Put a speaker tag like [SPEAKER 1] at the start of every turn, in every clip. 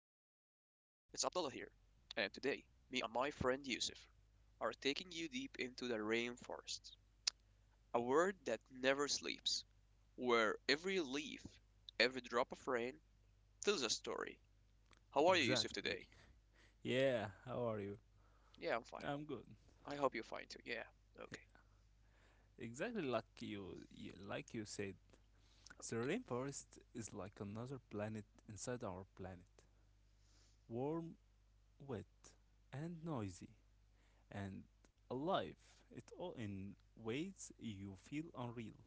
[SPEAKER 1] Abdullah here, and today, me and my friend Yusuf are taking you deep into the rainforest, a world that never sleeps, where every leaf, every drop of rain tells a story. How are you, Yusuf,
[SPEAKER 2] Exactly.
[SPEAKER 1] today?
[SPEAKER 2] Yeah, how are you?
[SPEAKER 1] Yeah, I'm fine.
[SPEAKER 2] I'm good.
[SPEAKER 1] I hope you're fine too. Yeah, okay,
[SPEAKER 2] Yeah. Exactly like you said. The
[SPEAKER 1] okay.
[SPEAKER 2] rainforest is like another planet inside our planet. Warm, wet, and noisy and alive. It all in ways you feel unreal.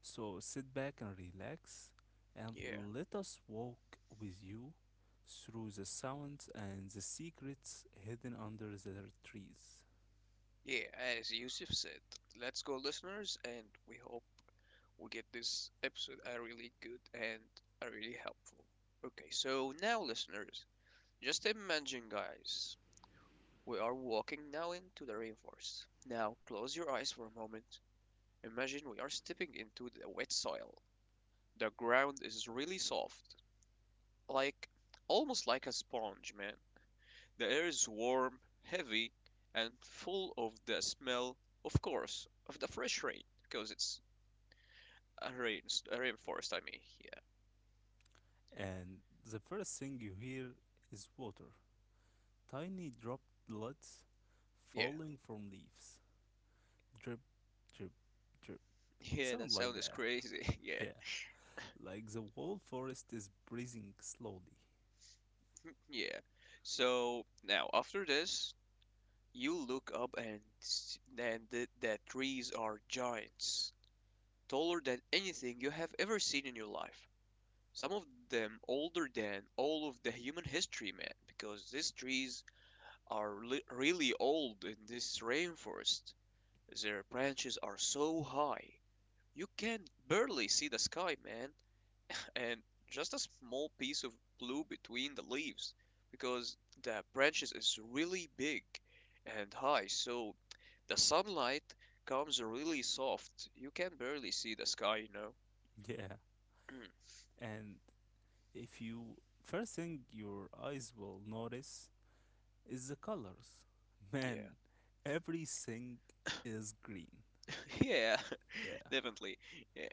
[SPEAKER 2] So sit back and relax and
[SPEAKER 1] Yeah,
[SPEAKER 2] let us walk with you through the sounds and the secrets hidden under the trees.
[SPEAKER 1] yeah, as Yusuf said, let's go, listeners, and we hope will get this episode a really good and a really helpful. Okay, so now, listeners, just imagine, guys, we are walking now into the rainforest. Now, close your eyes for a moment. Imagine we are stepping into the wet soil. The ground is really soft, like almost like a sponge, man. The air is warm, heavy, and full of the smell, of course, of the fresh rain, because it's a rain, a rainforest. I mean, yeah,
[SPEAKER 2] And the first thing you hear is water. Tiny droplets
[SPEAKER 1] yeah.
[SPEAKER 2] falling from leaves. Drip, drip, drip. It
[SPEAKER 1] Yeah, that
[SPEAKER 2] sounds like
[SPEAKER 1] sound is
[SPEAKER 2] that.
[SPEAKER 1] crazy. Yeah.
[SPEAKER 2] Yeah. Like the whole forest is breathing slowly.
[SPEAKER 1] Yeah. So now after this, you look up and s- and th that trees are giants, taller than anything you have ever seen in your life. Some of them older than all of the human history, man, because these trees are li really old in this rainforest. Their branches are so high, you can barely see the sky, man. And just a small piece of blue between the leaves, because the branches is really big and high, so the sunlight comes really soft. You can barely see the sky, you know.
[SPEAKER 2] Yeah.
[SPEAKER 1] Mm,
[SPEAKER 2] And if you. First thing your eyes will notice is the colors. Man,
[SPEAKER 1] yeah,
[SPEAKER 2] everything is green.
[SPEAKER 1] yeah,
[SPEAKER 2] Yeah.
[SPEAKER 1] definitely. Yeah,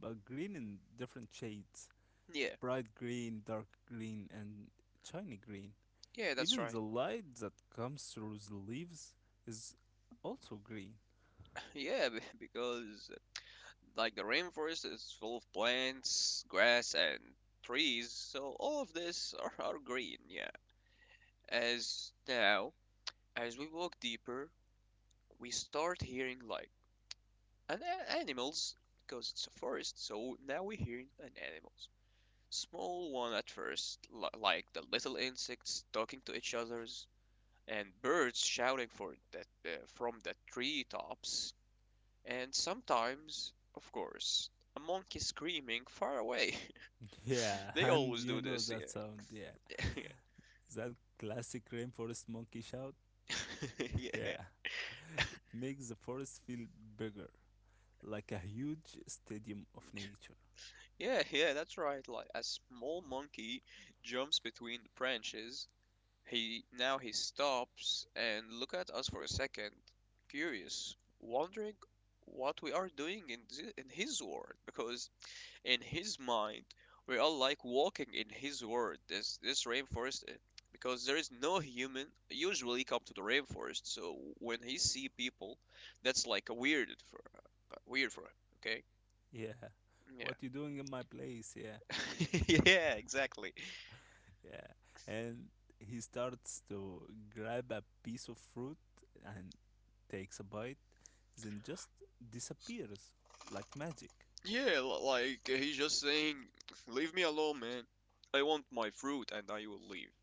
[SPEAKER 2] But green in different shades,
[SPEAKER 1] yeah,
[SPEAKER 2] bright green, dark green, and shiny green.
[SPEAKER 1] yeah, that's
[SPEAKER 2] Even
[SPEAKER 1] right.
[SPEAKER 2] the light that comes through the leaves is also green.
[SPEAKER 1] Yeah, because like the rainforest is full of plants, grass, and trees, so all of this are green, yeah. As now, as we walk deeper, we start hearing like an animals, because it's a forest, so now we hear an animals, small one at first, like the little insects talking to each others, and birds shouting for that from the treetops, and sometimes, of course, a monkey screaming far away.
[SPEAKER 2] Yeah,
[SPEAKER 1] They
[SPEAKER 2] and
[SPEAKER 1] always
[SPEAKER 2] you
[SPEAKER 1] do
[SPEAKER 2] know
[SPEAKER 1] this,
[SPEAKER 2] that sound,
[SPEAKER 1] yeah.
[SPEAKER 2] yeah. That classic rainforest monkey shout.
[SPEAKER 1] Yeah,
[SPEAKER 2] Yeah, it makes the forest feel bigger, like a huge stadium of nature.
[SPEAKER 1] yeah, yeah, that's right. Like a small monkey jumps between the branches. He now he stops and look at us for a second, curious, wondering what we are doing in his world, because in his mind, we are like walking in his world. This rainforest, because there is no human usually come to the rainforest. So when he see people, that's like a weird for weird for him. Okay.
[SPEAKER 2] Yeah, what you doing in my place? Yeah,
[SPEAKER 1] Yeah. Yeah. Exactly.
[SPEAKER 2] yeah. And he starts to grab a piece of fruit and takes a bite, then just disappears like magic.
[SPEAKER 1] Yeah, like he's just saying, "Leave me alone, man. I want my fruit, and I will leave."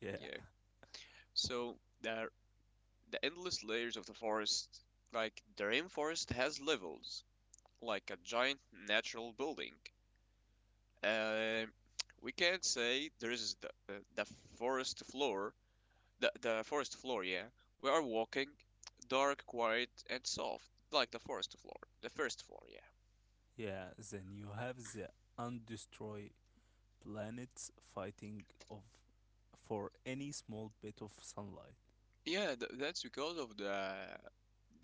[SPEAKER 2] Yeah.
[SPEAKER 1] Yeah. So there, the endless layers of the forest, like the rainforest, has levels, like a giant natural building. Uh, we can't say there is the forest floor. The forest floor, yeah. We are walking, dark, quiet, and soft, like the forest floor, the first floor, yeah.
[SPEAKER 2] Yeah, then you have the undestroyed planets fighting of for any small bit of sunlight.
[SPEAKER 1] Yeah, th that's because of the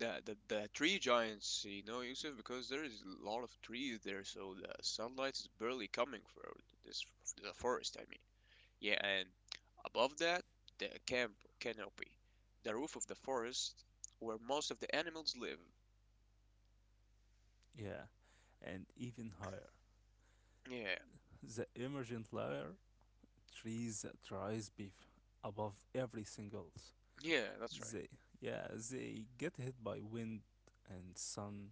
[SPEAKER 1] the, the the tree giants, you know, Yusuf, because there is a lot of trees there, so the sunlight is barely coming through this the forest, I mean. Yeah, and above that, the camp canopy, the roof of the forest, where most of the animals live.
[SPEAKER 2] Yeah, and even higher,
[SPEAKER 1] Yeah,
[SPEAKER 2] the emergent layer trees that rise beef above everything else.
[SPEAKER 1] yeah, that's right.
[SPEAKER 2] They, yeah, they get hit by wind and sun,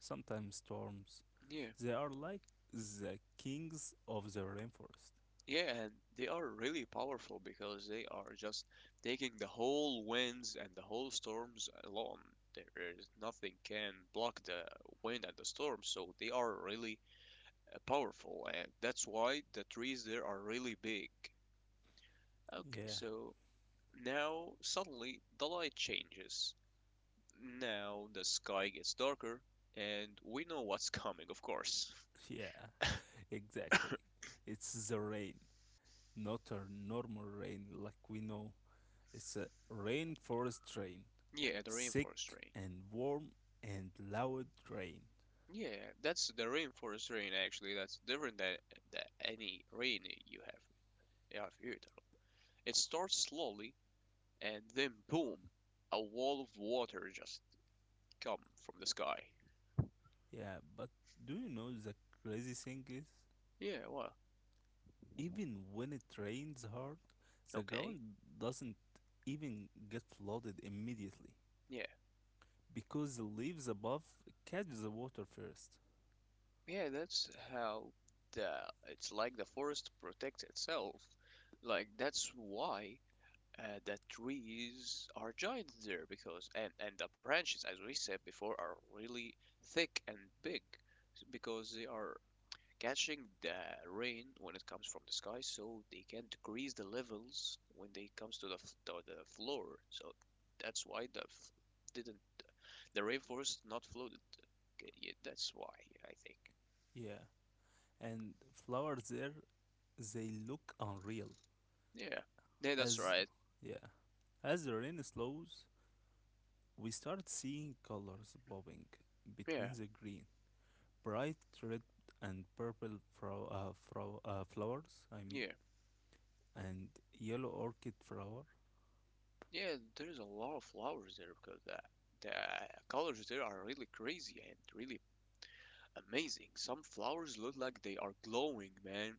[SPEAKER 2] sometimes storms.
[SPEAKER 1] Yeah.
[SPEAKER 2] They are like the kings of the rainforest.
[SPEAKER 1] Yeah, and they are really powerful because they are just taking the whole winds and the whole storms along. There is nothing can block the wind and the storm, so they are really powerful, and that's why the trees there are really big. Okay,
[SPEAKER 2] Yeah,
[SPEAKER 1] so now, suddenly, the light changes. Now the sky gets darker, and we know what's coming, of course.
[SPEAKER 2] yeah, exactly. It's the rain. Not a normal rain like we know. It's a rainforest rain.
[SPEAKER 1] Yeah, the
[SPEAKER 2] Thick
[SPEAKER 1] rainforest rain.
[SPEAKER 2] and warm and loud rain.
[SPEAKER 1] Yeah, that's the rainforest rain actually. That's different than any rain you have you have heard of. It starts slowly, and then boom, a wall of water just come from the sky.
[SPEAKER 2] Yeah, but do you know the crazy thing is?
[SPEAKER 1] Yeah, well,
[SPEAKER 2] Even when it rains hard, the
[SPEAKER 1] okay.
[SPEAKER 2] ground doesn't even get flooded immediately
[SPEAKER 1] Yeah,
[SPEAKER 2] because the leaves above catch the water first.
[SPEAKER 1] yeah, that's how the it's like the forest protects itself. Like, that's why the trees are giant there, because and the branches, as we said before, are really thick and big, because they are catching the rain when it comes from the sky, so they can decrease the levels when they comes to the floor. So that's why didn't the rainforest not flooded. Okay, yeah, that's why. Yeah, I think.
[SPEAKER 2] Yeah, and flowers there, they look unreal.
[SPEAKER 1] Yeah. Yeah, that's
[SPEAKER 2] As,
[SPEAKER 1] right.
[SPEAKER 2] yeah, as the rain slows, we start seeing colors bobbing
[SPEAKER 1] Yeah,
[SPEAKER 2] between the green, bright red and purple flowers, I mean,
[SPEAKER 1] yeah,
[SPEAKER 2] and yellow orchid flower.
[SPEAKER 1] yeah, there's a lot of flowers there, because the colors there are really crazy and really amazing. Some flowers look like they are glowing, man,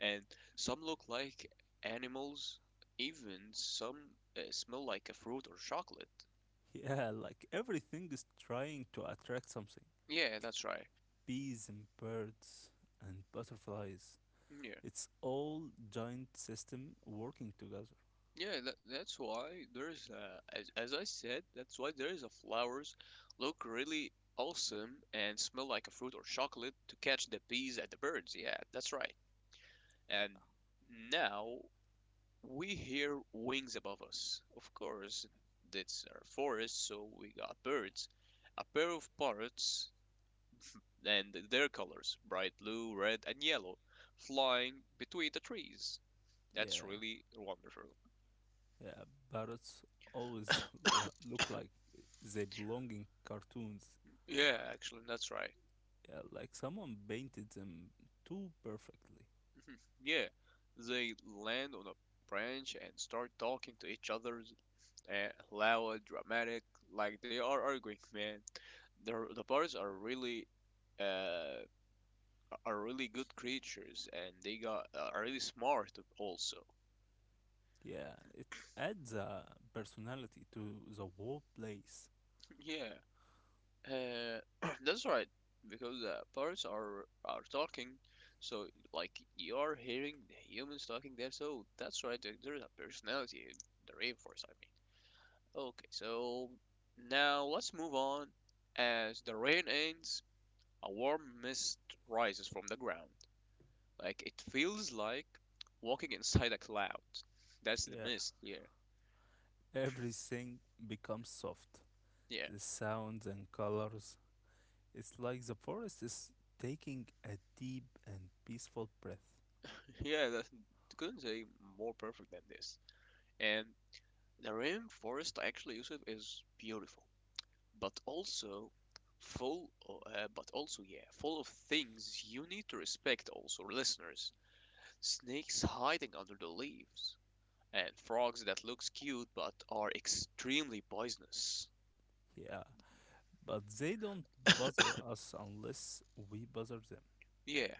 [SPEAKER 1] and some look like animals, even some smell like a fruit or chocolate.
[SPEAKER 2] Yeah, like everything is trying to attract something.
[SPEAKER 1] Yeah, that's right.
[SPEAKER 2] Bees and birds and butterflies.
[SPEAKER 1] Yeah,
[SPEAKER 2] It's all giant system working together.
[SPEAKER 1] yeah, that's why there's, as I said, that's why there is a flowers look really awesome and smell like a fruit or chocolate to catch the bees and the birds. Yeah, that's right. And now we hear wings above us. Of course, that's our forest, so we got birds. A pair of parrots and their colors, bright blue, red, and yellow, flying between the trees. That's
[SPEAKER 2] Yeah,
[SPEAKER 1] really wonderful.
[SPEAKER 2] yeah. Parrots always look like they belong in cartoons.
[SPEAKER 1] Yeah, actually, that's right.
[SPEAKER 2] Yeah, like someone painted them too perfectly.
[SPEAKER 1] Yeah, they land on a branch and start talking to each other, uh, loud, dramatic, like they are arguing, man. The birds are uh, really good creatures, and they got are really smart also.
[SPEAKER 2] Yeah, it adds a personality to the whole place.
[SPEAKER 1] Yeah. Uh, that's right, because the parrots are talking, so like you are hearing the humans talking there. So that's right. There's a personality in the rainforest, I mean. Okay, so now let's move on. As the rain ends, a warm mist rises from the ground. Like, it feels like walking inside a cloud. That's the
[SPEAKER 2] Yeah,
[SPEAKER 1] mist. Yeah,
[SPEAKER 2] everything becomes soft.
[SPEAKER 1] yeah,
[SPEAKER 2] The sounds and colors. It's like the forest is taking a deep and peaceful breath.
[SPEAKER 1] yeah. That couldn't say more perfect than this. And the rainforest actually, Yusuf, is beautiful, but also full, but also yeah, full of things you need to respect. Also, listeners, snakes hiding under the leaves, and frogs that looks cute but are extremely poisonous.
[SPEAKER 2] Yeah, but they don't bother us unless we bother them.
[SPEAKER 1] Yeah,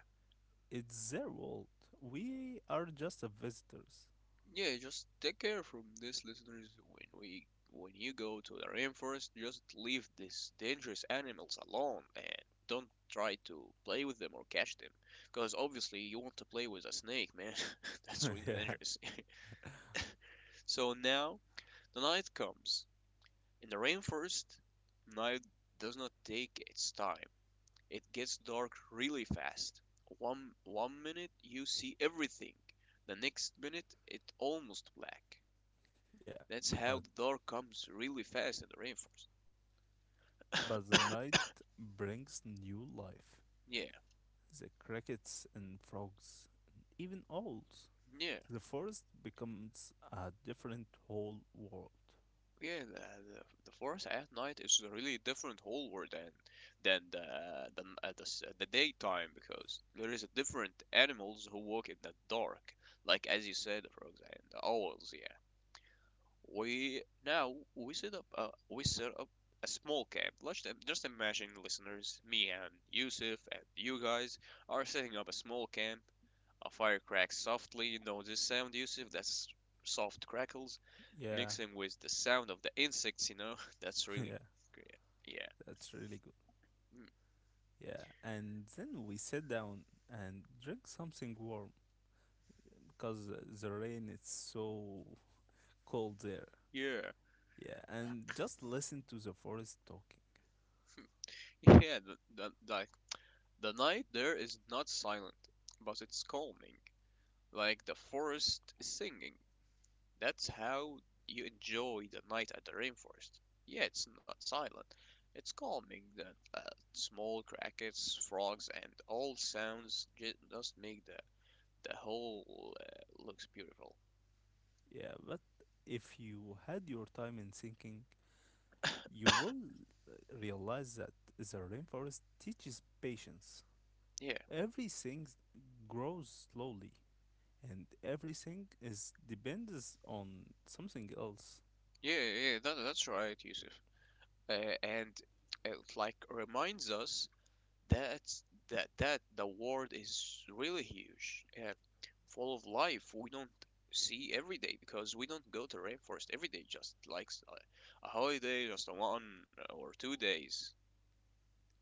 [SPEAKER 2] It's their world. We are just a visitors.
[SPEAKER 1] yeah, just take care from this, listeners. When you go to the rainforest, just leave these dangerous animals alone and don't try to play with them or catch them, because obviously you want to play with a snake, man. That's really
[SPEAKER 2] yeah,
[SPEAKER 1] dangerous. So now the night comes. In the rainforest, night does not take its time. It gets dark really fast. One minute you see everything, the next minute it's almost black.
[SPEAKER 2] yeah,
[SPEAKER 1] That's
[SPEAKER 2] but
[SPEAKER 1] how the door comes really fast and reinforced.
[SPEAKER 2] But the night brings new life.
[SPEAKER 1] Yeah,
[SPEAKER 2] The crickets and frogs, even owls.
[SPEAKER 1] yeah,
[SPEAKER 2] The forest becomes a different whole world.
[SPEAKER 1] yeah. The forest at night is a really different whole world than the daytime, because there is a different animals who walk in the dark, like, as you said, for example, the owls. Yeah, we now we set up a we set up a small camp. Let's im- just imagine, listeners, me and Yusuf and you guys are setting up a small camp. A fire cracks softly, you know this sound, Yusuf? That's soft crackles
[SPEAKER 2] Yeah,
[SPEAKER 1] mixing with the sound of the insects, you know? That's really
[SPEAKER 2] yeah,
[SPEAKER 1] great. Yeah.
[SPEAKER 2] that's really good.
[SPEAKER 1] Mm.
[SPEAKER 2] Yeah, and then we sit down and drink something warm because the rain is so cold there.
[SPEAKER 1] Yeah.
[SPEAKER 2] Yeah, and just listen to the forest talking.
[SPEAKER 1] Yeah, the, like, the night there is not silent, but it's calming. Like the forest is singing. That's how you enjoy the night at the rainforest. Yeah, it's not silent. It's calming. The uh, small crickets, frogs, and all sounds just make the whole looks beautiful.
[SPEAKER 2] Yeah, but if you had your time in thinking, you will realize that the rainforest teaches patience.
[SPEAKER 1] Yeah,
[SPEAKER 2] Everything grows slowly, and everything is depends on something else.
[SPEAKER 1] yeah, yeah. Yeah, that's right, Yusuf. Uh, and it like reminds us that that the world is really huge, full of life. We don't see every day because we don't go to rainforest every day. Just like, a holiday, just a 1 or 2 days.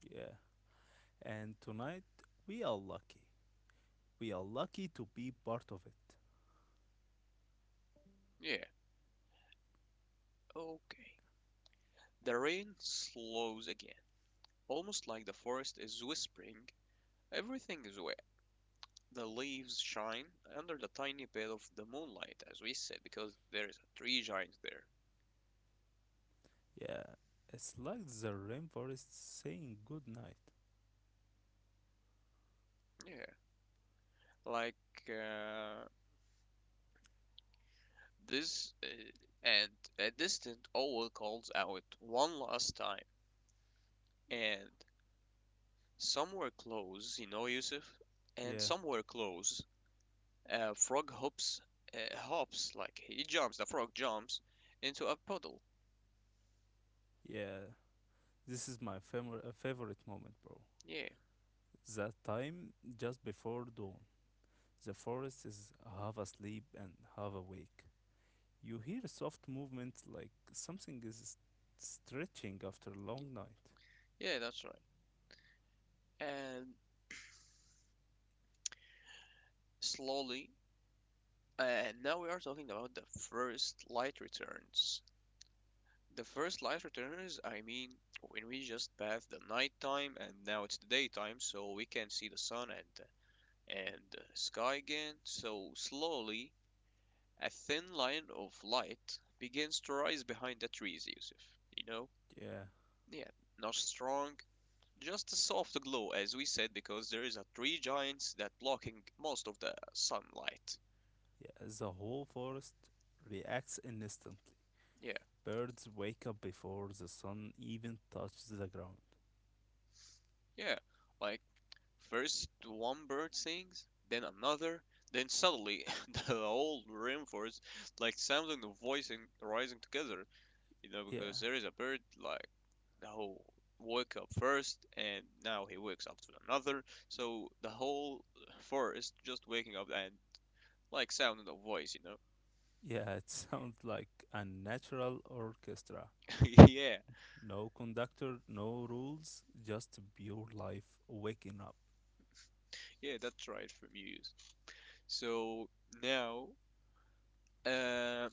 [SPEAKER 2] Yeah. And tonight we are lucky. We are lucky to be part of it.
[SPEAKER 1] Yeah. Okay. The rain slows again, almost like the forest is whispering. Everything is well. The leaves shine under the tiny bit of the moonlight, as we said, because there is a tree giant there.
[SPEAKER 2] Yeah. It's like the rainforest saying good night.
[SPEAKER 1] Yeah, like uh, this, uh, and a distant owl calls out one last time, and somewhere close, you know, Yusuf, and
[SPEAKER 2] Yeah.
[SPEAKER 1] somewhere close, a frog hops, like he jumps. The frog jumps into a puddle.
[SPEAKER 2] Yeah. This is my favorite moment, bro.
[SPEAKER 1] Yeah,
[SPEAKER 2] That time just before dawn. The forest is half asleep and half awake. You hear soft movements like something is stretching after a long night.
[SPEAKER 1] yeah, that's right. And slowly And now we are talking about the first light returns. The first light returns, I mean, when we just passed the nighttime, and now it's the daytime, so we can see the sun and the sky again. So slowly, a thin line of light begins to rise behind the trees, Yusuf. You know?
[SPEAKER 2] Yeah,
[SPEAKER 1] Yeah, not strong, just a soft glow, as we said, because there is a tree giants that blocking most of the sunlight.
[SPEAKER 2] yeah, the whole forest reacts instantly.
[SPEAKER 1] Yeah,
[SPEAKER 2] Birds wake up before the sun even touches the ground.
[SPEAKER 1] yeah, like, first one bird sings, then another, then suddenly the whole rainforest like sounding the voice and rising together, because
[SPEAKER 2] Yeah,
[SPEAKER 1] there is a bird like the whole woke up first, and now he wakes up to another, so the whole forest just waking up and like sounding a voice.
[SPEAKER 2] yeah, it sounds like a natural orchestra.
[SPEAKER 1] Yeah,
[SPEAKER 2] No conductor, no rules, just pure life waking up.
[SPEAKER 1] yeah, that's right from Muse. So now uh,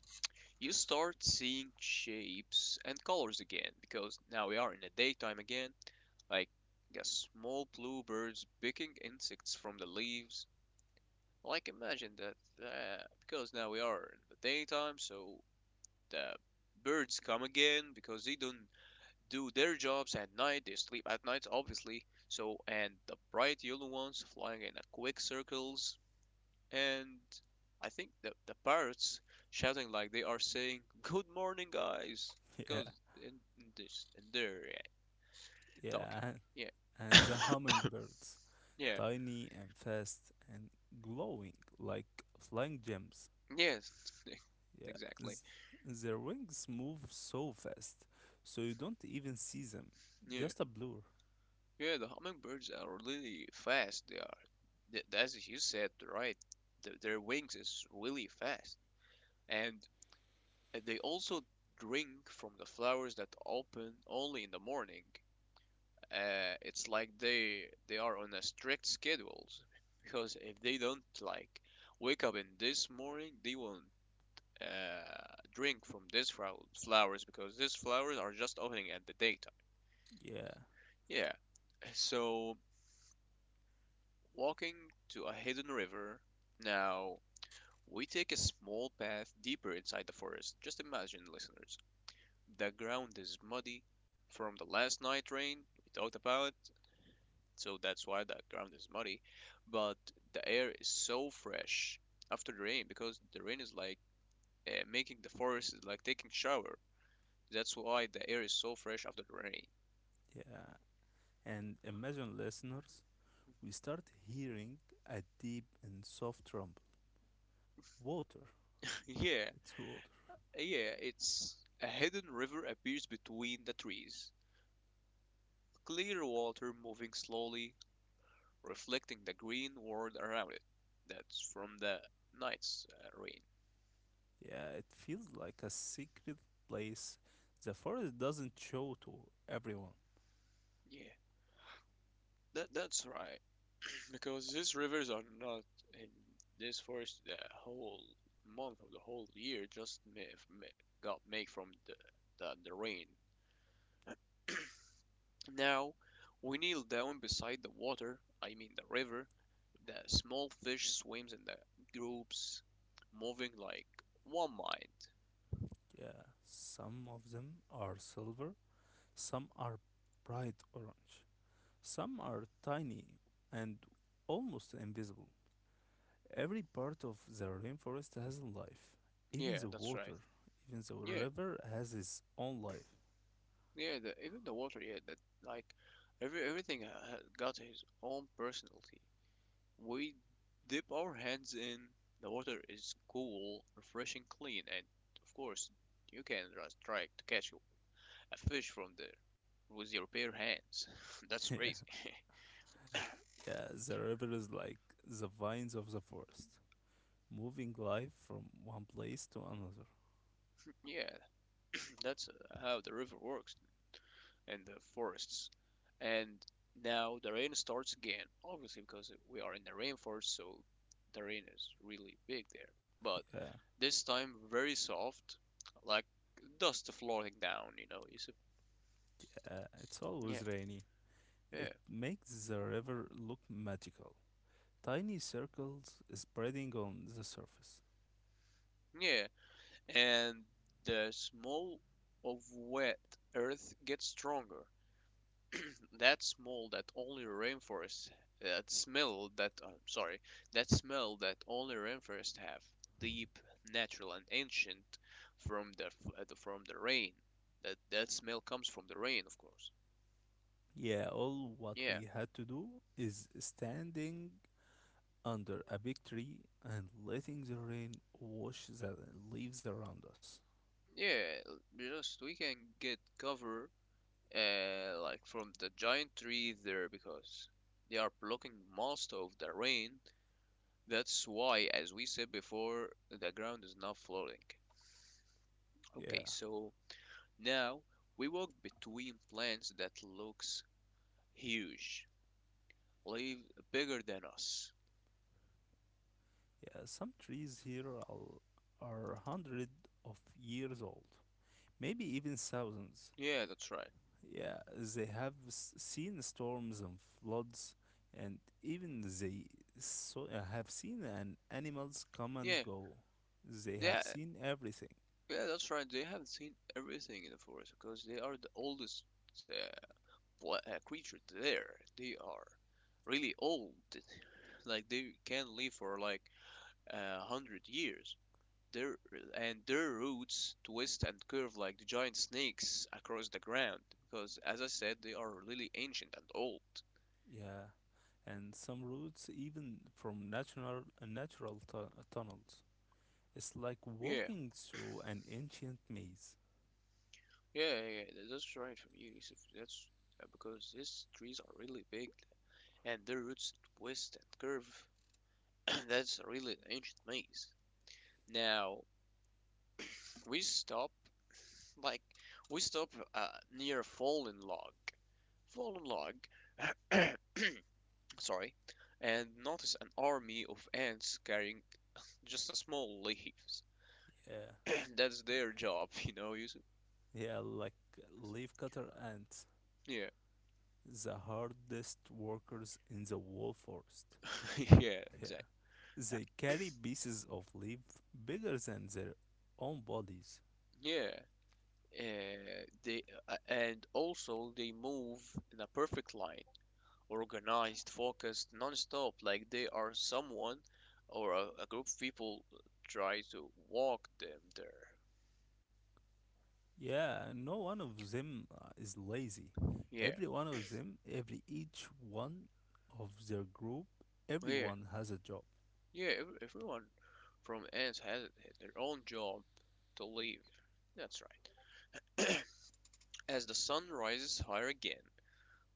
[SPEAKER 1] you start seeing shapes and colors again because now we are in the daytime again, like yeah, small blue birds picking insects from the leaves. Like imagine that, because now we are in the daytime, so the birds come again because they don't do their jobs at night. They sleep at night, obviously. So and the bright yellow ones flying in a quick circles, and I think the parrots shouting like they are saying "Good morning, guys,"
[SPEAKER 2] Yeah,
[SPEAKER 1] because in, in this and they're yeah, talking.
[SPEAKER 2] yeah,
[SPEAKER 1] Yeah,
[SPEAKER 2] and the hummingbirds.
[SPEAKER 1] yeah.
[SPEAKER 2] Tiny and fast and glowing like flying gems.
[SPEAKER 1] Yes,
[SPEAKER 2] Yeah,
[SPEAKER 1] exactly.
[SPEAKER 2] their wings move so fast, so you don't even see them.
[SPEAKER 1] Yeah,
[SPEAKER 2] Just a blur.
[SPEAKER 1] yeah. The hummingbirds are really fast. They are. Th- As you said, right? Th- their wings is really fast, and they also drink from the flowers that open only in the morning. It's like they are on a strict schedules because if they don't like wake up in this morning, they won't drink from these flowers because these flowers are just opening at the daytime.
[SPEAKER 2] Yeah,
[SPEAKER 1] Yeah, so walking to a hidden river. Now, we take a small path deeper inside the forest. Just imagine, listeners. The ground is muddy from the last night rain we talked about, so that's why the ground is muddy. But the air is so fresh after the rain because the rain is like making the forest is like taking shower. That's why the air is so fresh after the rain.
[SPEAKER 2] yeah. And imagine, listeners, we start hearing a deep and soft rumble. Water.
[SPEAKER 1] Yeah,
[SPEAKER 2] It's water.
[SPEAKER 1] yeah, it's a hidden river appears between the trees. Clear water moving slowly, reflecting the green world around it. That's from the night's rain.
[SPEAKER 2] Yeah, it feels like a secret place. The forest doesn't show to everyone.
[SPEAKER 1] Yeah, that's right. Because these rivers are not in this forest the whole month of the whole year. Just got made from the rain. Now we kneel down beside the water. I mean the river. The small fish swims in the groups, moving like one mind.
[SPEAKER 2] Yeah, some of them are silver, some are bright orange. Some are tiny and almost invisible. Every part of the rainforest has a life. Even
[SPEAKER 1] Yeah,
[SPEAKER 2] the
[SPEAKER 1] that's right.
[SPEAKER 2] water, even the
[SPEAKER 1] Yeah,
[SPEAKER 2] river has its own life.
[SPEAKER 1] yeah. The, even the water, yeah. That like everything got his own personality. We dip our hands in. The water is cool, refreshing, clean, and of course, you can just try to catch a fish from there with your bare hands. That's
[SPEAKER 2] yeah.
[SPEAKER 1] crazy.
[SPEAKER 2] Yeah, the river is like the vines of the forest, moving life from one place to another.
[SPEAKER 1] Yeah, that's how the river works. And the forests. And now the rain starts again, obviously because we are in the rainforest, so the rain is really big there. But
[SPEAKER 2] Yeah.
[SPEAKER 1] this time very soft, like dust floating down, you know. You say,
[SPEAKER 2] Yeah, it's
[SPEAKER 1] yeah,
[SPEAKER 2] always rainy.
[SPEAKER 1] yeah,
[SPEAKER 2] It makes the river look magical. Tiny circles spreading on the surface.
[SPEAKER 1] yeah. And the smell of wet earth gets stronger, that smell that only rainforests, that smell that sorry, that smell that only rainforests have, deep natural and ancient, from the from the rain, that smell comes from the rain of course.
[SPEAKER 2] Yeah, all what
[SPEAKER 1] Yeah,
[SPEAKER 2] we had to do is standing under a big tree and letting the rain wash the leaves around us.
[SPEAKER 1] yeah, l- just we can get cover like from the giant tree there because they are blocking most of the rain. That's why as we said before, the ground is not floating. Okay,
[SPEAKER 2] Yeah,
[SPEAKER 1] so now we walk between plants that looks huge, live bigger than us.
[SPEAKER 2] yeah, some trees here are hundred of years old, maybe even thousands.
[SPEAKER 1] Yeah, that's right.
[SPEAKER 2] Yeah, they have seen storms and floods, and even they so, have seen an animals come and
[SPEAKER 1] Yeah,
[SPEAKER 2] go. They have
[SPEAKER 1] yeah,
[SPEAKER 2] seen everything.
[SPEAKER 1] yeah, that's right. They have seen everything in the forest because they are the oldest uh, creature there. They are really old. Like they can live for like 100 years. Their and their roots twist and curve like the giant snakes across the ground because, as I said, they are really ancient and old.
[SPEAKER 2] Yeah, and some routes even from natural natural tunnels. It's like
[SPEAKER 1] Yeah.
[SPEAKER 2] walking through an ancient maze.
[SPEAKER 1] Yeah, yeah, tha- that's right from you, Yusuf. That's because these trees are really big and their roots twist and curve. That's really an ancient maze. Now, we stop, like, we stop uh, near a fallen log. Fallen log, sorry, and notice an army of ants carrying just a small leaves.
[SPEAKER 2] Yeah,
[SPEAKER 1] That's their job, you know, Yusuf?
[SPEAKER 2] yeah, like leafcutter ants,
[SPEAKER 1] Yeah,
[SPEAKER 2] the hardest workers in the wall forest.
[SPEAKER 1] yeah,
[SPEAKER 2] Yeah,
[SPEAKER 1] exactly.
[SPEAKER 2] they carry pieces of leaf bigger than their own bodies.
[SPEAKER 1] Yeah. They And also they move in a perfect line, organized, focused, non-stop, like they are someone or a group of people try to walk them there.
[SPEAKER 2] Yeah, and no one of them is lazy.
[SPEAKER 1] Yeah,
[SPEAKER 2] Every one of them, every each one of their group,
[SPEAKER 1] yeah,
[SPEAKER 2] everyone has a job.
[SPEAKER 1] yeah. ev- Everyone from ants has their own job to leave. That's right. As the sun rises higher again,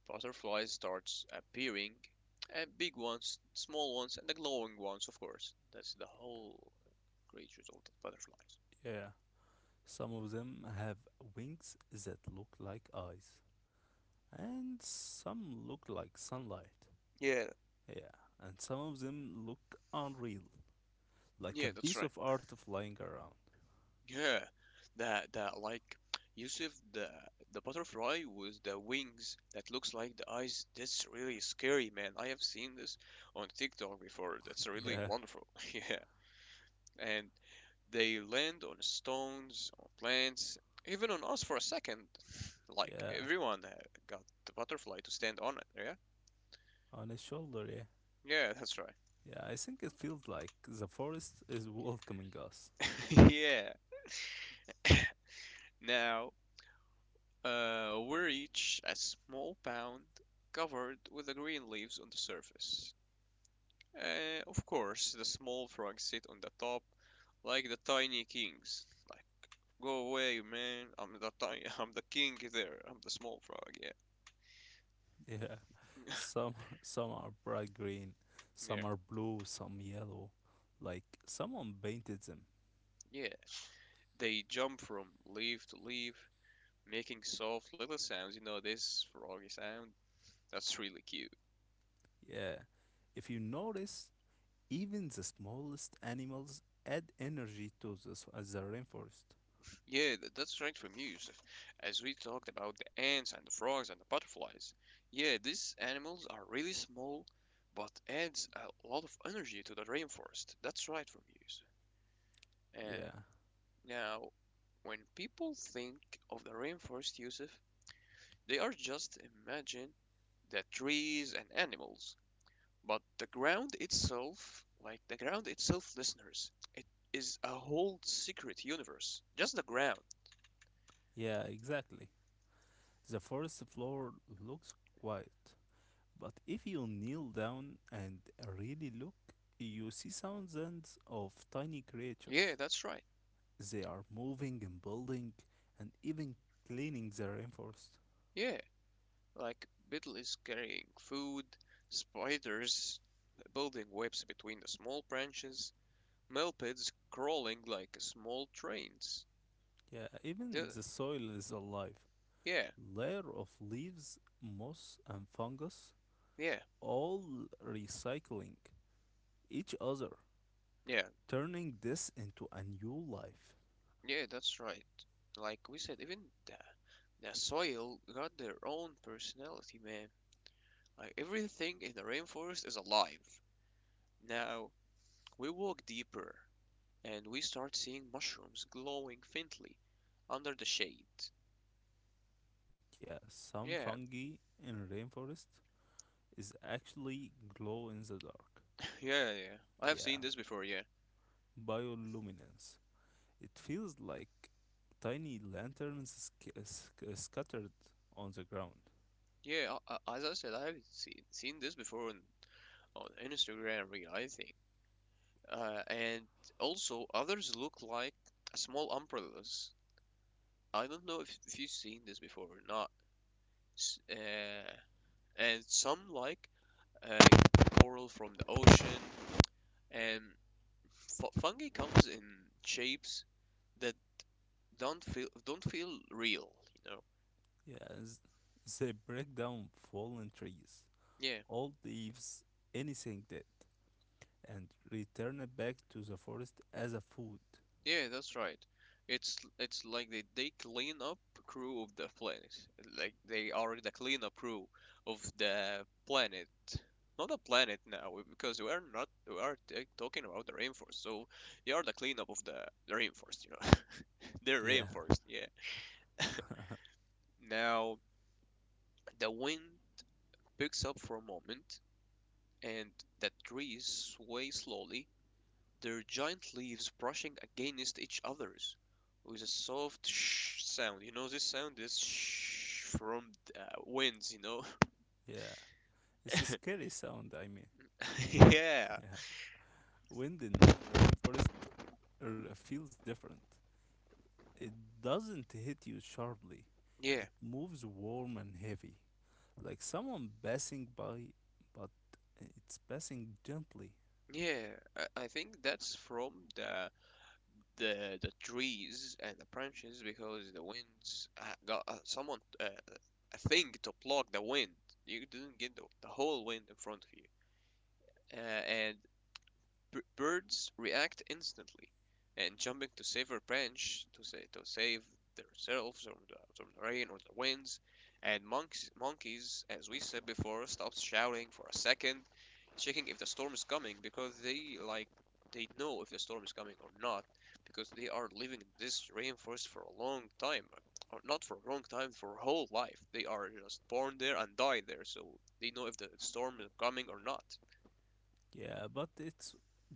[SPEAKER 1] butterflies starts appearing, and big ones, small ones, and the glowing ones, of course. That's the whole creatures or the butterflies.
[SPEAKER 2] Yeah. Some of them have wings that look like eyes, and some look like sunlight.
[SPEAKER 1] Yeah,
[SPEAKER 2] Yeah, and some of them look unreal, like
[SPEAKER 1] yeah,
[SPEAKER 2] a
[SPEAKER 1] that's
[SPEAKER 2] piece
[SPEAKER 1] right.
[SPEAKER 2] of art flying around.
[SPEAKER 1] Yeah, that that like Yusuf, the butterfly with the wings that looks like the eyes. That's really scary, man. I have seen this on TikTok before. That's really
[SPEAKER 2] yeah,
[SPEAKER 1] wonderful. Yeah, and they land on stones, on plants, even on us for a second. Like
[SPEAKER 2] yeah,
[SPEAKER 1] everyone got the butterfly to stand on it. Yeah,
[SPEAKER 2] on a shoulder, yeah.
[SPEAKER 1] yeah, that's right.
[SPEAKER 2] Yeah, I think it feels like the forest is welcoming us.
[SPEAKER 1] Yeah. Now are each a small pound covered with the green leaves on the surface. Of course, the small frogs sit on the top like the tiny kings. Like, go away, man! I'm the tiny, I'm the king there. I'm the small frog. Yeah,
[SPEAKER 2] Yeah. Some some are bright green,
[SPEAKER 1] yeah,
[SPEAKER 2] some are blue, some yellow. Like someone painted them.
[SPEAKER 1] yeah. They jump from leaf to leaf, making soft little sounds. You know this froggy sound. That's really cute.
[SPEAKER 2] Yeah. If you notice, even the smallest animals add energy to the, the rainforest.
[SPEAKER 1] Yeah, th- that's right from you, Yusuf. As we talked about the ants and the frogs and the butterflies, yeah, these animals are really small, but adds a lot of energy to the rainforest. That's right from you, Yusuf. And
[SPEAKER 2] Yeah.
[SPEAKER 1] now, when people think of the rainforest, Yusuf, they are just imagine the trees and animals, but the ground itself, like the ground itself, listeners, it is a whole secret universe. Just the ground.
[SPEAKER 2] Yeah, exactly. The forest floor looks quiet, but if you kneel down and really look, you see thousands of tiny creatures.
[SPEAKER 1] Yeah, that's right.
[SPEAKER 2] They are moving and building and even cleaning the rainforest.
[SPEAKER 1] Yeah, like Biddle is carrying food, spiders building webs between the small branches, millipedes crawling like small trains.
[SPEAKER 2] Yeah, even
[SPEAKER 1] The,
[SPEAKER 2] the soil is alive.
[SPEAKER 1] yeah,
[SPEAKER 2] Layer of leaves, moss, and fungus,
[SPEAKER 1] yeah,
[SPEAKER 2] all recycling each other,
[SPEAKER 1] yeah,
[SPEAKER 2] turning this into a new life.
[SPEAKER 1] yeah, that's right. Like we said, even the, the soil got their own personality, man. Like everything in the rainforest is alive. Now, we walk deeper and we start seeing mushrooms glowing faintly under the shade.
[SPEAKER 2] Yeah, some
[SPEAKER 1] Yeah,
[SPEAKER 2] fungi in rainforest is actually glow in the dark.
[SPEAKER 1] yeah, yeah. I have
[SPEAKER 2] Yeah,
[SPEAKER 1] seen this before. Yeah,
[SPEAKER 2] bioluminescence. It feels like tiny lanterns scattered on the ground.
[SPEAKER 1] yeah. As I said, I have seen this before on Instagram Reel. I think. And also, others look like small umbrellas. I don't know if you've seen this before or not. S- Uh, and some like uh, coral from the ocean. And fu fungi comes in shapes that don't feel real. You know.
[SPEAKER 2] Yes, they break down fallen trees,
[SPEAKER 1] Yeah.
[SPEAKER 2] old leaves, anything dead, and return it back to the forest as a food.
[SPEAKER 1] Yeah, that's right. It's like they clean up crew of the planet. Like they are the cleanup crew of the planet. Not the planet now, because we are not we are t- talking about the rainforest. So they are the cleanup of the rainforest. You know, they're
[SPEAKER 2] Yeah,
[SPEAKER 1] rainforest. Yeah. Now the wind picks up for a moment, and the trees sway slowly. Their giant leaves brushing against each others with a soft sh sound. You know this sound is sh from the winds, you know?
[SPEAKER 2] yeah. It's a scary sound, I mean.
[SPEAKER 1] Yeah.
[SPEAKER 2] Yeah. Wind in rainforest feels different. It doesn't hit you sharply.
[SPEAKER 1] Yeah.
[SPEAKER 2] It moves warm and heavy, like someone passing by, but it's passing gently.
[SPEAKER 1] Yeah. I think that's from the the trees and the branches because the winds got someone a thing to block the wind. You didn't get the whole wind in front of you. Uh, and b- birds react instantly and jumping to save a branch to say to save themselves from from the rain or the winds, and monks, monkeys as we said before stop shouting for a second, checking if the storm is coming because they like they know if the storm is coming or not, because they are living in this rainforest for a long time, or not for a long time, for a whole life they are just born there and die there, so they know if the storm is coming or not.
[SPEAKER 2] Yeah, but it's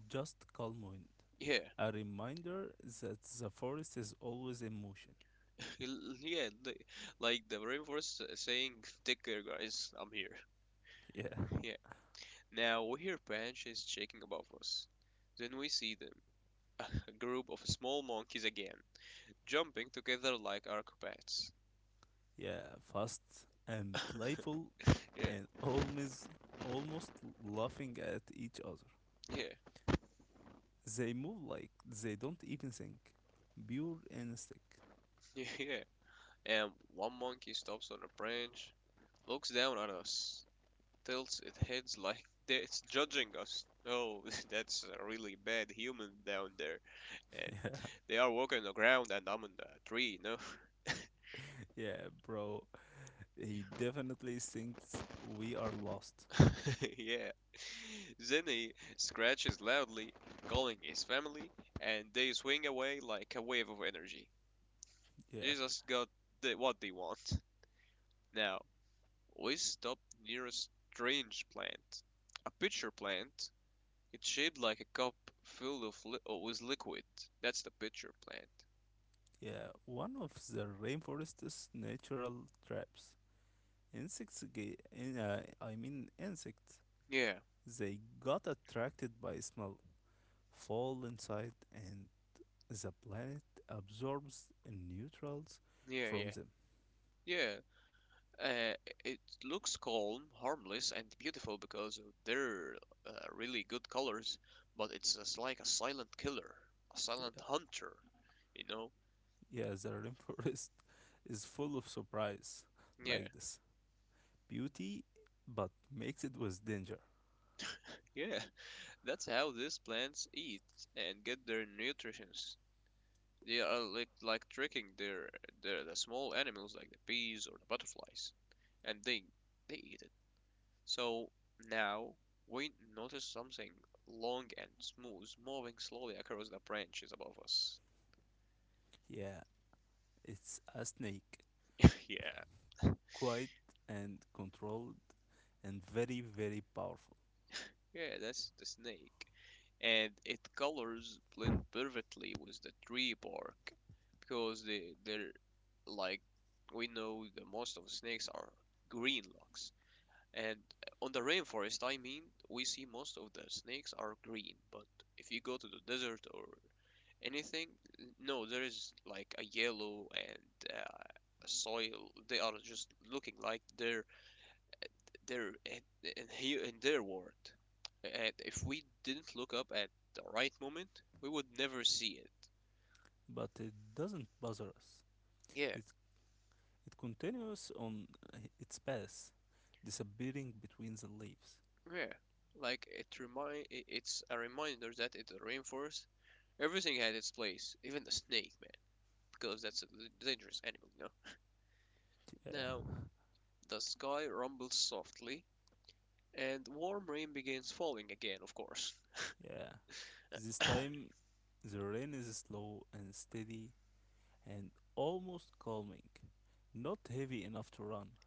[SPEAKER 2] just calm wind.
[SPEAKER 1] Yeah,
[SPEAKER 2] A reminder that the forest is always in motion.
[SPEAKER 1] yeah, the, like the rainforest saying, "Take care, guys. I'm here."
[SPEAKER 2] Yeah,
[SPEAKER 1] Yeah. Now we hear branches shaking above us. Then we see them, a group of small monkeys again, jumping together like acrobats.
[SPEAKER 2] yeah, fast and playful
[SPEAKER 1] Yeah,
[SPEAKER 2] and always almost laughing at each other.
[SPEAKER 1] yeah,
[SPEAKER 2] They move like they don't even think. Pure instinct.
[SPEAKER 1] yeah, yeah. And one monkey stops on a branch, looks down at us, tilts its head like it's judging us. Oh, that's a really bad human down there. And
[SPEAKER 2] Yeah,
[SPEAKER 1] they are walking on the ground and I'm in the tree, no?
[SPEAKER 2] yeah, bro. He definitely thinks we are lost.
[SPEAKER 1] Yeah. Then he scratches loudly, calling his family, and they swing away like a wave of energy.
[SPEAKER 2] Yeah,
[SPEAKER 1] Jesus got the, what they want. Now, we stop near a strange plant. A pitcher plant. It's shaped like a cup filled of with liquid. That's the pitcher plant.
[SPEAKER 2] yeah. One of the rainforest's natural traps. Insects get, I mean insects,
[SPEAKER 1] Yeah,
[SPEAKER 2] they got attracted by smell, fall inside, and the planet absorbs neutrals
[SPEAKER 1] yeah,
[SPEAKER 2] from
[SPEAKER 1] yeah.
[SPEAKER 2] them.
[SPEAKER 1] Yeah, Uh, it looks calm, harmless, and beautiful because of their really good colors, but it's just like a silent killer, a silent
[SPEAKER 2] Yeah,
[SPEAKER 1] hunter, you know?
[SPEAKER 2] yeah, the rainforest is full of surprise
[SPEAKER 1] Yeah,
[SPEAKER 2] like this. Beauty, but makes it with danger.
[SPEAKER 1] yeah. That's how these plants eat and get their nutrients. They are like tricking the small animals like the bees or the butterflies, and they eat it. So now we notice something long and smooth moving slowly across the branches above us.
[SPEAKER 2] Yeah, it's a snake,
[SPEAKER 1] Yeah,
[SPEAKER 2] quiet and controlled, and very, very powerful.
[SPEAKER 1] yeah, that's the snake. And its colors blend perfectly with the tree bark because they're like we know the most of snakes are green looks. And on the rainforest, I mean, we see most of the snakes are green, but if you go to the desert or anything, no, there is like a yellow and soil. They are just looking like they're their and here in their world. And if we didn't look up at the right moment, we would never see it.
[SPEAKER 2] But it doesn't bother us.
[SPEAKER 1] Yeah,
[SPEAKER 2] It It continues on its path, disappearing between the leaves.
[SPEAKER 1] yeah. Like it's a reminder that in the rainforest everything had its place, even the snake man, because that's a dangerous animal, you know.
[SPEAKER 2] Yeah,
[SPEAKER 1] Now the sky rumbles softly, and warm rain begins falling again. Of course.
[SPEAKER 2] yeah. This time the rain is slow and steady and almost calming. Not heavy enough to run,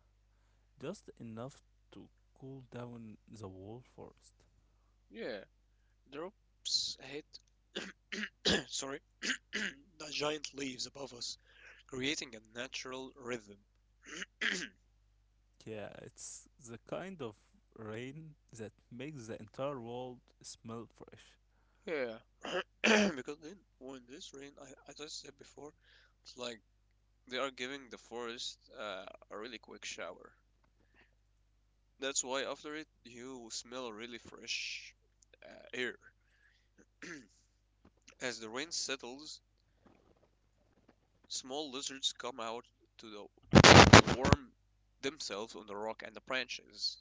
[SPEAKER 2] just enough to cool down the whole forest.
[SPEAKER 1] Yeah, drops hit. Sorry, the giant leaves above us, creating a natural rhythm.
[SPEAKER 2] Yeah, it's the kind of rain that makes the entire world smell fresh.
[SPEAKER 1] Yeah, because in when this rain, I as I said before, it's like they are giving the forest a really quick shower. That's why after it you smell really fresh uh, air. As the rain settles, small lizards come out to warm themselves on the rock and the branches.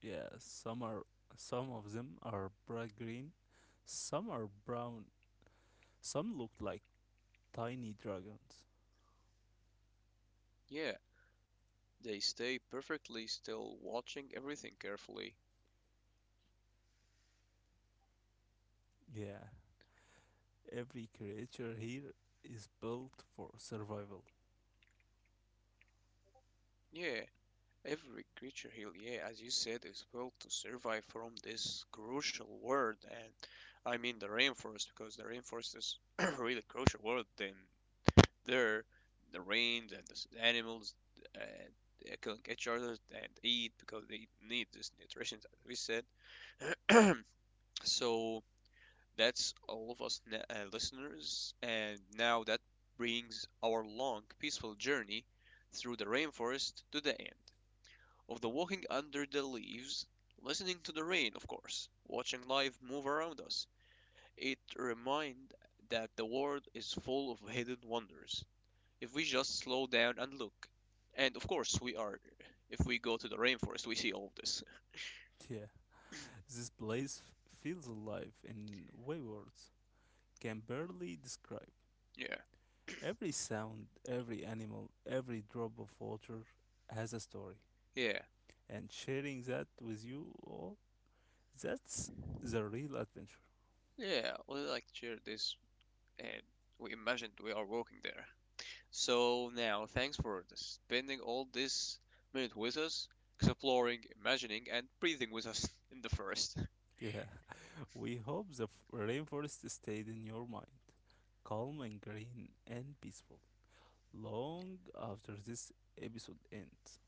[SPEAKER 2] Yeah, some are some of them are bright green, some are brown, some looked like tiny dragons.
[SPEAKER 1] Yeah, they stay perfectly still, watching everything carefully.
[SPEAKER 2] Yeah, every creature here is built for survival.
[SPEAKER 1] Yeah, every creature here, yeah, as you said, is built to survive from this crucial world, and I mean the rainforest because the rainforest is really crucial world. Then there, the rains and the animals uh, they can catch each other and eat because they need this nutrition, as we said. So that's all of us listeners, and now that brings our long, peaceful journey through the rainforest to the end. Of the walking under the leaves, listening to the rain, of course, watching life move around us. It reminds that the world is full of hidden wonders if we just slow down and look. And of course, we are. If we go to the rainforest, we see all of this.
[SPEAKER 2] Yeah, this place feels alive in way words can barely describe.
[SPEAKER 1] Yeah,
[SPEAKER 2] Every sound, every animal, every drop of water has a story.
[SPEAKER 1] yeah,
[SPEAKER 2] And sharing that with you all, that's the real adventure.
[SPEAKER 1] yeah. We like share this, and we imagined we are walking there. So now, thanks for spending all this minute with us, exploring, imagining, and breathing with us in the forest.
[SPEAKER 2] Yeah, we hope the rainforest stayed in your mind, calm and green and peaceful long after this episode ends.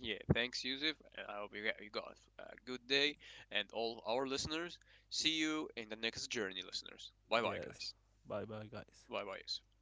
[SPEAKER 1] Yeah, thanks, Yusuf. And I hope you got a good day and all our listeners. See you in the next journey, listeners. Bye bye,
[SPEAKER 2] Yes.
[SPEAKER 1] guys.
[SPEAKER 2] Bye bye, guys.
[SPEAKER 1] Bye bye, Yusuf.